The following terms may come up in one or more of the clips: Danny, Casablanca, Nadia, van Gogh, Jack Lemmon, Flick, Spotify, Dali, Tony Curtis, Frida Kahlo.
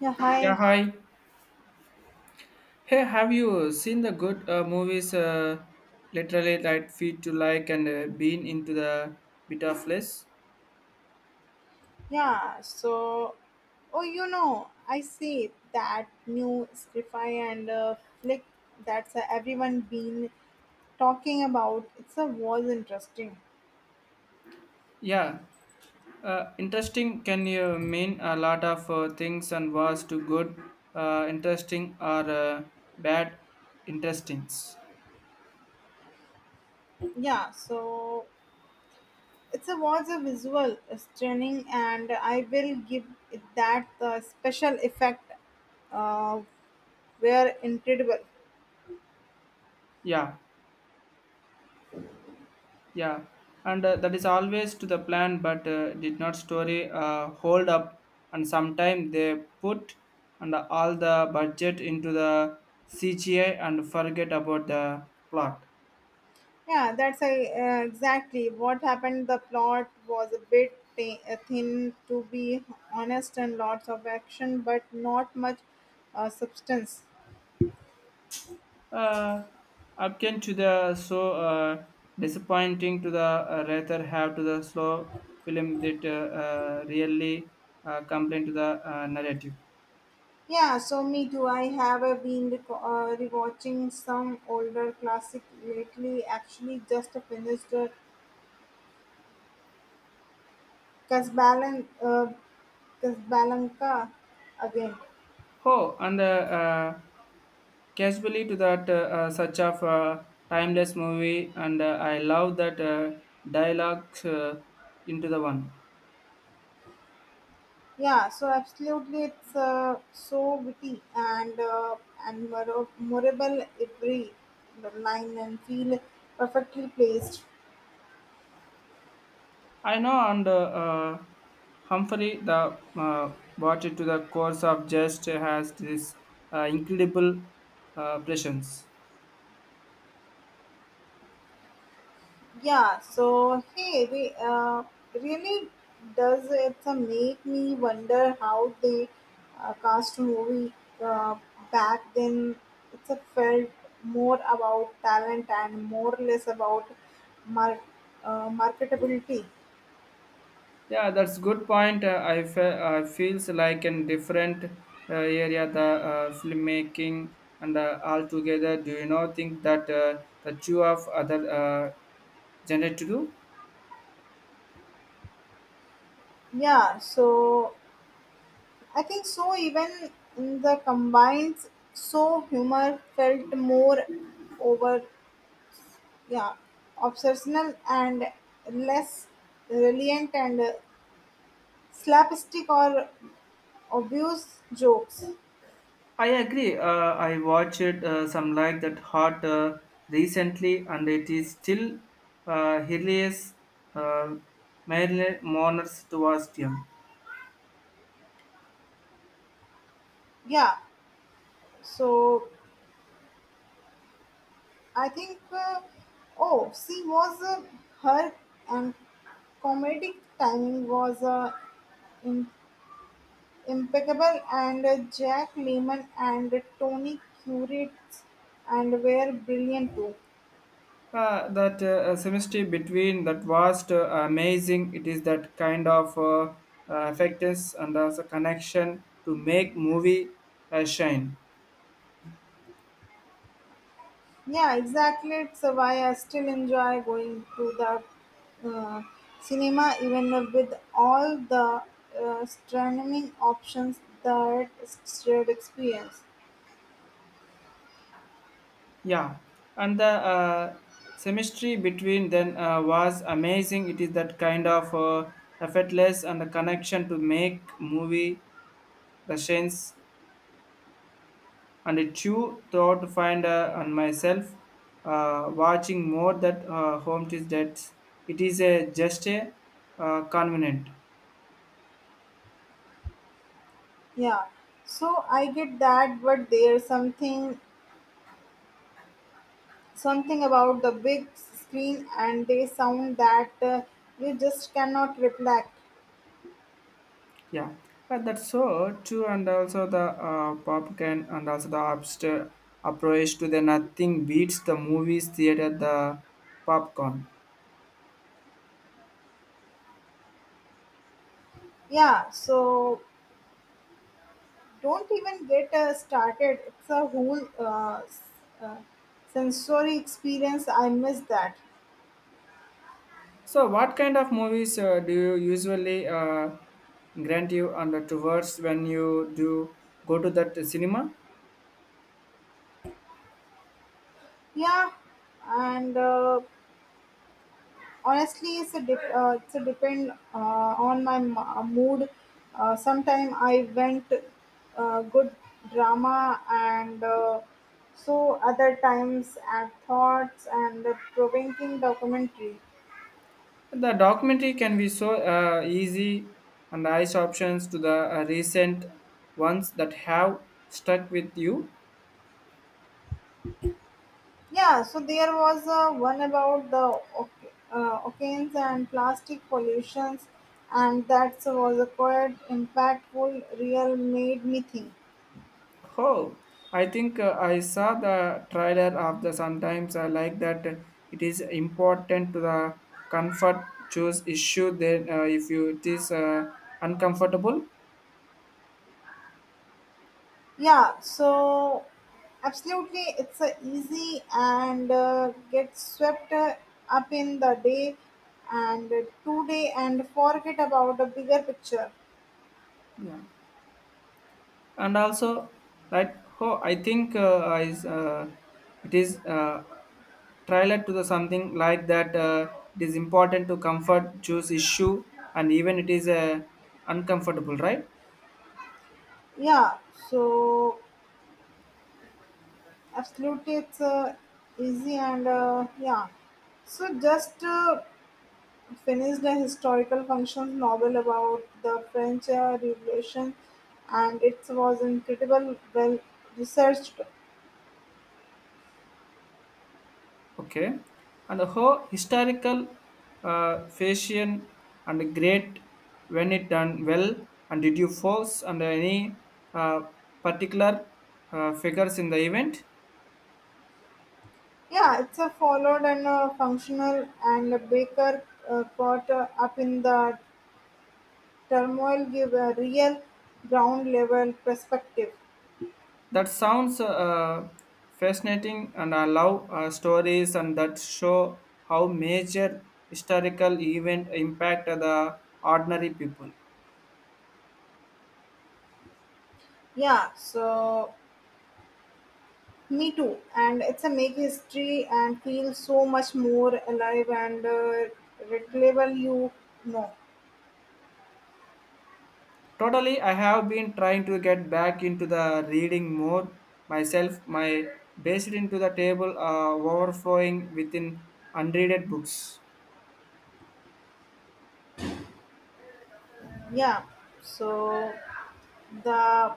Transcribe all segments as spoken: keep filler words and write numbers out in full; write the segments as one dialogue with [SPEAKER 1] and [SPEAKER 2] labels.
[SPEAKER 1] Yeah,
[SPEAKER 2] Yeah,
[SPEAKER 1] hi.
[SPEAKER 2] hi. Hey, have you seen the good uh, movies? Uh, literally, like feed to like and uh, been into the bit of less.
[SPEAKER 1] Yeah, so, oh, you know, I see that new Spotify and uh, Flick that's uh, everyone been talking about. It's a was interesting.
[SPEAKER 2] Yeah, uh, interesting can you mean a lot of uh, things and was to good, uh, interesting or uh, bad, interestings.
[SPEAKER 1] Yeah, so it's a was a visual uh, stunning, and I will give it that uh, special effect uh, were incredible.
[SPEAKER 2] Yeah, Yeah, and uh, that is always to the plan, but uh, did not story uh, hold up. And sometime they put and all the budget into the C G I and forget about the plot.
[SPEAKER 1] Yeah, that's I- uh, exactly what happened. The plot was a bit thi- uh, thin, to be honest, and lots of action, but not much uh, substance.
[SPEAKER 2] Uh, Upkin to the so uh, disappointing to the uh, rather have to the slow film that uh, uh, really uh, complain to the uh, narrative.
[SPEAKER 1] Yeah, so me too. I have uh, been re- uh, rewatching some older classic lately. Actually, just finished uh, Casablanca, uh, Casablanca again.
[SPEAKER 2] Oh, and uh, uh, casually to that uh, uh, such of a timeless movie, and uh, I love that uh, dialogues uh, into the one.
[SPEAKER 1] Yeah, so absolutely, it's uh, so witty and uh, and mor- memorable every line and feel perfectly placed.
[SPEAKER 2] I know, and uh, uh, Humphrey the uh, watch it to the course of just has this uh, incredible uh, prescience.
[SPEAKER 1] Yeah, so hey, they uh, really does it uh, make me wonder how they uh, cast a movie uh, back then. It's a felt more about talent and more less about mar- uh, marketability.
[SPEAKER 2] Yeah, that's good point. Uh, I fe- I feels like in different uh, area the uh, filmmaking and uh, altogether. Do you not think that uh, the two of other uh, genre to do?
[SPEAKER 1] Yeah, so I think so. Even in the combines, so humor felt more over, yeah, obsessional and less reliant and uh, slapstick or obvious jokes.
[SPEAKER 2] I agree. Uh, I watched uh, some like that hot uh, recently, and it is still uh, hilarious. Uh, Marilyn Moners to Bastian.
[SPEAKER 1] Yeah, so I think, uh, oh, she was uh, her and comedic timing was uh, impeccable and uh, Jack Lemmon and Tony Curtis and were brilliant too.
[SPEAKER 2] Uh, that uh, semester between that vast uh, amazing it is that kind of uh, uh, effects and also connection to make movie uh, shine.
[SPEAKER 1] Yeah, exactly. It's uh, why I still enjoy going to the uh, cinema even with all the uh, streaming options that shared experience.
[SPEAKER 2] Yeah, and the uh, semester between then uh, was amazing it is that kind of uh, effortless and the connection to make movie the shines and it you thought to find uh, on myself uh, watching more that uh, home is that it is a just a uh, convenient.
[SPEAKER 1] Yeah, so I get that, but there's something something about the big screen and they sound that uh, you just cannot replicate.
[SPEAKER 2] Yeah. Uh, that's so true and also the uh, popcorn and also the upster approach to the nothing beats the movies theater the popcorn.
[SPEAKER 1] Yeah, so don't even get uh, started. It's a whole uh, s- uh, sensory experience. I miss that.
[SPEAKER 2] So what kind of movies uh, do you usually uh, grant you under towards when you do go to that cinema?
[SPEAKER 1] Yeah, and uh, honestly, it's a dep- uh, it's a depend uh, on my m- uh, mood. Uh, sometime I went uh, good drama, and uh, so other times at thoughts and the provoking documentary.
[SPEAKER 2] The documentary can be so uh, easy and the eyes options to the uh, recent ones that have stuck with you.
[SPEAKER 1] Yeah, so there was uh, one about the oc- uh, oceans and plastic pollutions, and that was a quite impactful, real made me think.
[SPEAKER 2] Oh, I think uh, I saw the trailer of the sometimes I like that it is important to the comfort choose issue then uh, if you it is uh, uncomfortable.
[SPEAKER 1] Yeah, so absolutely, it's uh, easy and uh, get swept uh, up in the day and uh, today and forget about the bigger picture.
[SPEAKER 2] Yeah, and also like, oh, I think uh, I uh, it is uh, trailer to the something like that uh, it is important to comfort choose issue and even it is uh, uncomfortable, right?
[SPEAKER 1] Yeah, so absolutely, it's uh, easy and uh, yeah. So just uh, finished a historical fiction novel about the French uh, Revolution, and it was incredible well researched.
[SPEAKER 2] Okay, and the whole historical uh, fashion and great when it done well. And did you force and any uh, particular uh, figures in the event?
[SPEAKER 1] Yeah, it's a followed and a functional, and a Baker uh, caught uh, up in the turmoil give a real ground level perspective.
[SPEAKER 2] That sounds uh, fascinating, and I love uh, stories and that show how major historical event impact the ordinary people.
[SPEAKER 1] Yeah, so me too, and it's a make history and feel so much more alive and uh, relatable. You know,
[SPEAKER 2] Totally, I have been trying to get back into the reading mode myself. My based into the table uh, overflowing within unreaded books.
[SPEAKER 1] yeah, so. The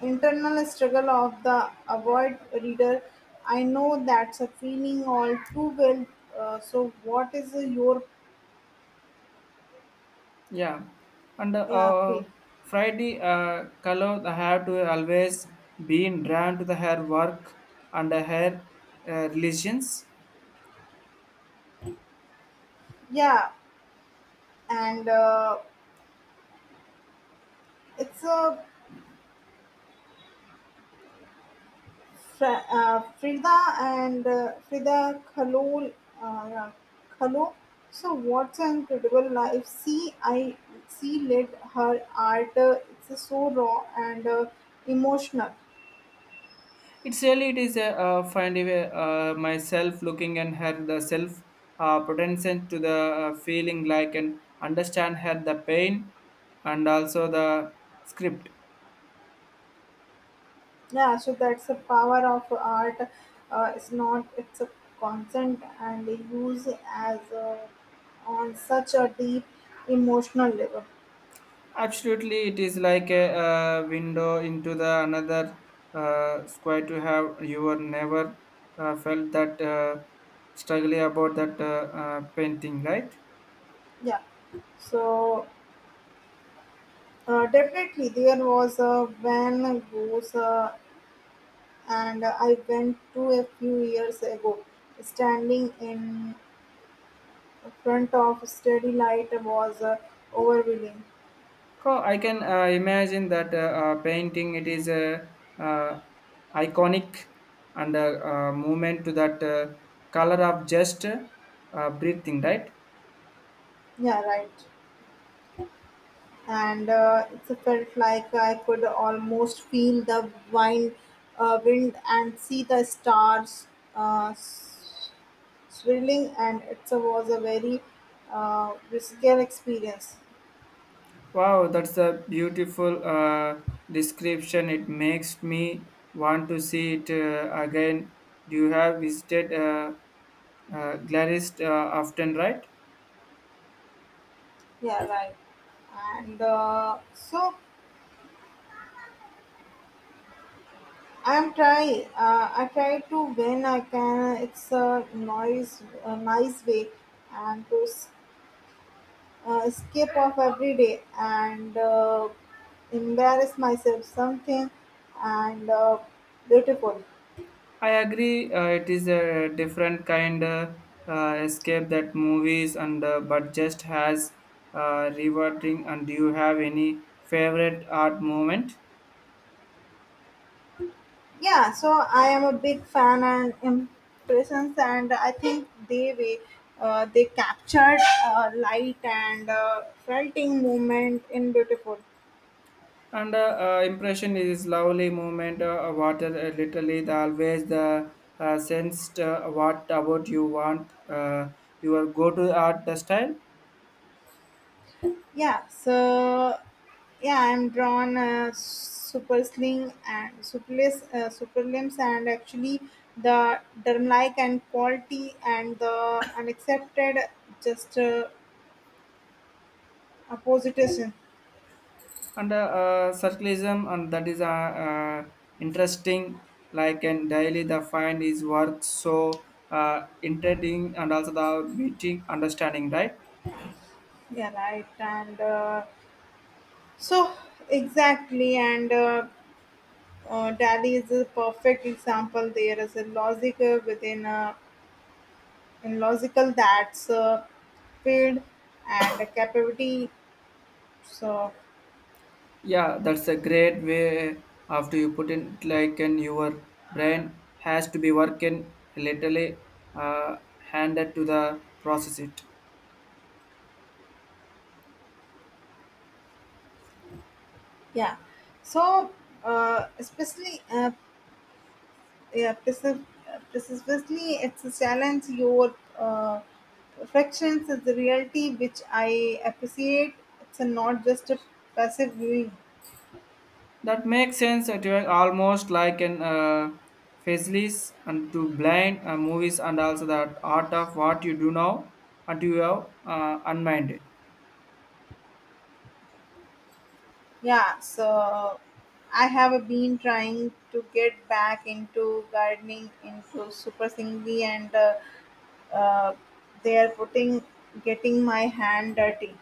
[SPEAKER 1] internal struggle of the avoid reader. I know that's a feeling all too well. Uh, so, what is uh, your
[SPEAKER 2] Yeah, and
[SPEAKER 1] yeah,
[SPEAKER 2] uh,
[SPEAKER 1] pay?
[SPEAKER 2] Friday uh, color the hair to always been drawn to the hair work and the hair uh, religions.
[SPEAKER 1] Yeah, and uh, it's a Fra- uh, Frida and uh, Frida Kahlo. Uh, yeah, Kahlo. So, what's an incredible life? See, I see led her art. Uh, it's so raw and uh, emotional.
[SPEAKER 2] It's really it is a uh, find a, uh, myself looking and her the self uh, potential to the uh, feeling like and understand her the pain and also the script.
[SPEAKER 1] Yeah, so that's the power of art, uh, it's not it's a constant and use as a, on such a deep emotional level.
[SPEAKER 2] Absolutely, it is like a, uh window into the another uh, square to have you were never uh, felt that uh, struggling about that uh, uh, painting, right?
[SPEAKER 1] Yeah, so uh, definitely there was a van Gogh's, uh, and I went to a few years ago standing in front of steady light was uh, overwhelming.
[SPEAKER 2] Oh, I can uh, imagine that uh, uh, painting. It is a uh, iconic and a, uh movement to that uh, color of just uh, breathing, right?
[SPEAKER 1] Yeah, right. And uh, it felt like I could almost feel the wind, uh, wind and see the stars uh, s- swirling, and it was a very uh, risky experience.
[SPEAKER 2] Wow, that's a beautiful uh, description. It makes me want to see it uh, again. Do you have visited uh, uh, Glarist uh, often, right?
[SPEAKER 1] Yeah, right. And uh, so I'm try. Uh, I try to when I can. It's a nice, a nice way, and to uh, escape of every day and uh, embarrass myself something and uh, beautiful.
[SPEAKER 2] I agree. Uh, it is a different kind of uh, escape that movies and uh, but just has uh, rewarding. And do you have any favorite art moment?
[SPEAKER 1] Yeah, so I am a big fan and impressions and I think they way uh, they captured uh, light and uh, felting moment in beautiful.
[SPEAKER 2] And uh, uh, impression is lovely movement. Uh, water uh, literally the always the uh, sensed uh, what about you want uh, your go to art the style.
[SPEAKER 1] Yeah, so yeah, I'm drawn uh, super sling and superless, uh, super limbs, and actually the derm-like and quality and the unaccepted just uh, opposition.
[SPEAKER 2] And uh, uh, circularism and that is uh, uh, interesting. Like and daily the find is work so uh, interesting and also the meeting understanding, right.
[SPEAKER 1] Yeah, right. And uh, so exactly, and uh, uh, Dali is a perfect example. There is a logic uh, within a in logical that's uh, field and a capability. So.
[SPEAKER 2] Yeah, that's a great way after you put in like and your brain has to be working literally uh, handed to the process it.
[SPEAKER 1] Yeah. So, uh, especially, uh, yeah, precif- uh, precisely, it's a challenge. Your uh, reflections is the reality which I appreciate. It's a, not just a passive viewing.
[SPEAKER 2] That makes sense that you are almost like an uh, faceless and to blind uh, movies and also that art of what you do now and you have uh, unminded.
[SPEAKER 1] Yeah. So, I have been trying to get back into gardening, into super singly, and uh, uh, they are putting getting my hand dirty.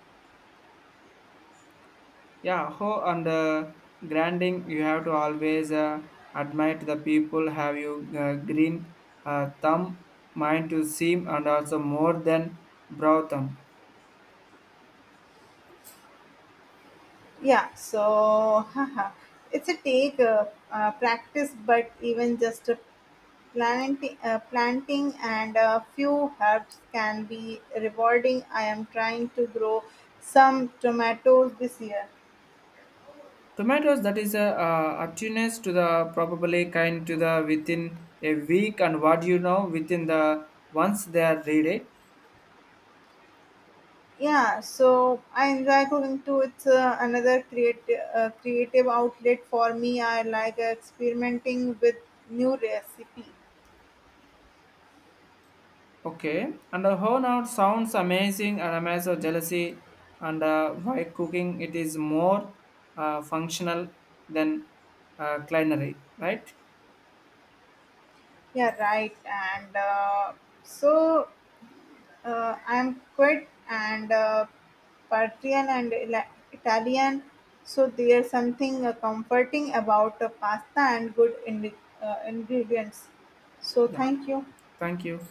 [SPEAKER 2] Yeah, how and uh, grinding, you have to always uh, admire the people have you uh, green uh, thumb, mind to seem, and also more than brow thumb.
[SPEAKER 1] Yeah, so haha, it's a take uh, uh, practice, but even just a planting, uh, planting and a few herbs can be rewarding. I am trying to grow some tomatoes this year.
[SPEAKER 2] Tomatoes that is a uh, attuneness to the probably kind to the within a week and what you know within the once they are ready.
[SPEAKER 1] Yeah, so I enjoy cooking too. It's uh, another creative uh, creative outlet for me. I like experimenting with new recipe.
[SPEAKER 2] Okay, and uh, how now sounds amazing and I'm also jealousy and uh, why cooking it is more uh, functional than uh, culinary, right?
[SPEAKER 1] Yeah, right. And uh, so Uh, I'm quite and uh, Parthian and Ila- Italian, so there's something uh, comforting about uh, pasta and good indi- uh, ingredients. So
[SPEAKER 2] Yeah,
[SPEAKER 1] thank you.
[SPEAKER 2] thank you.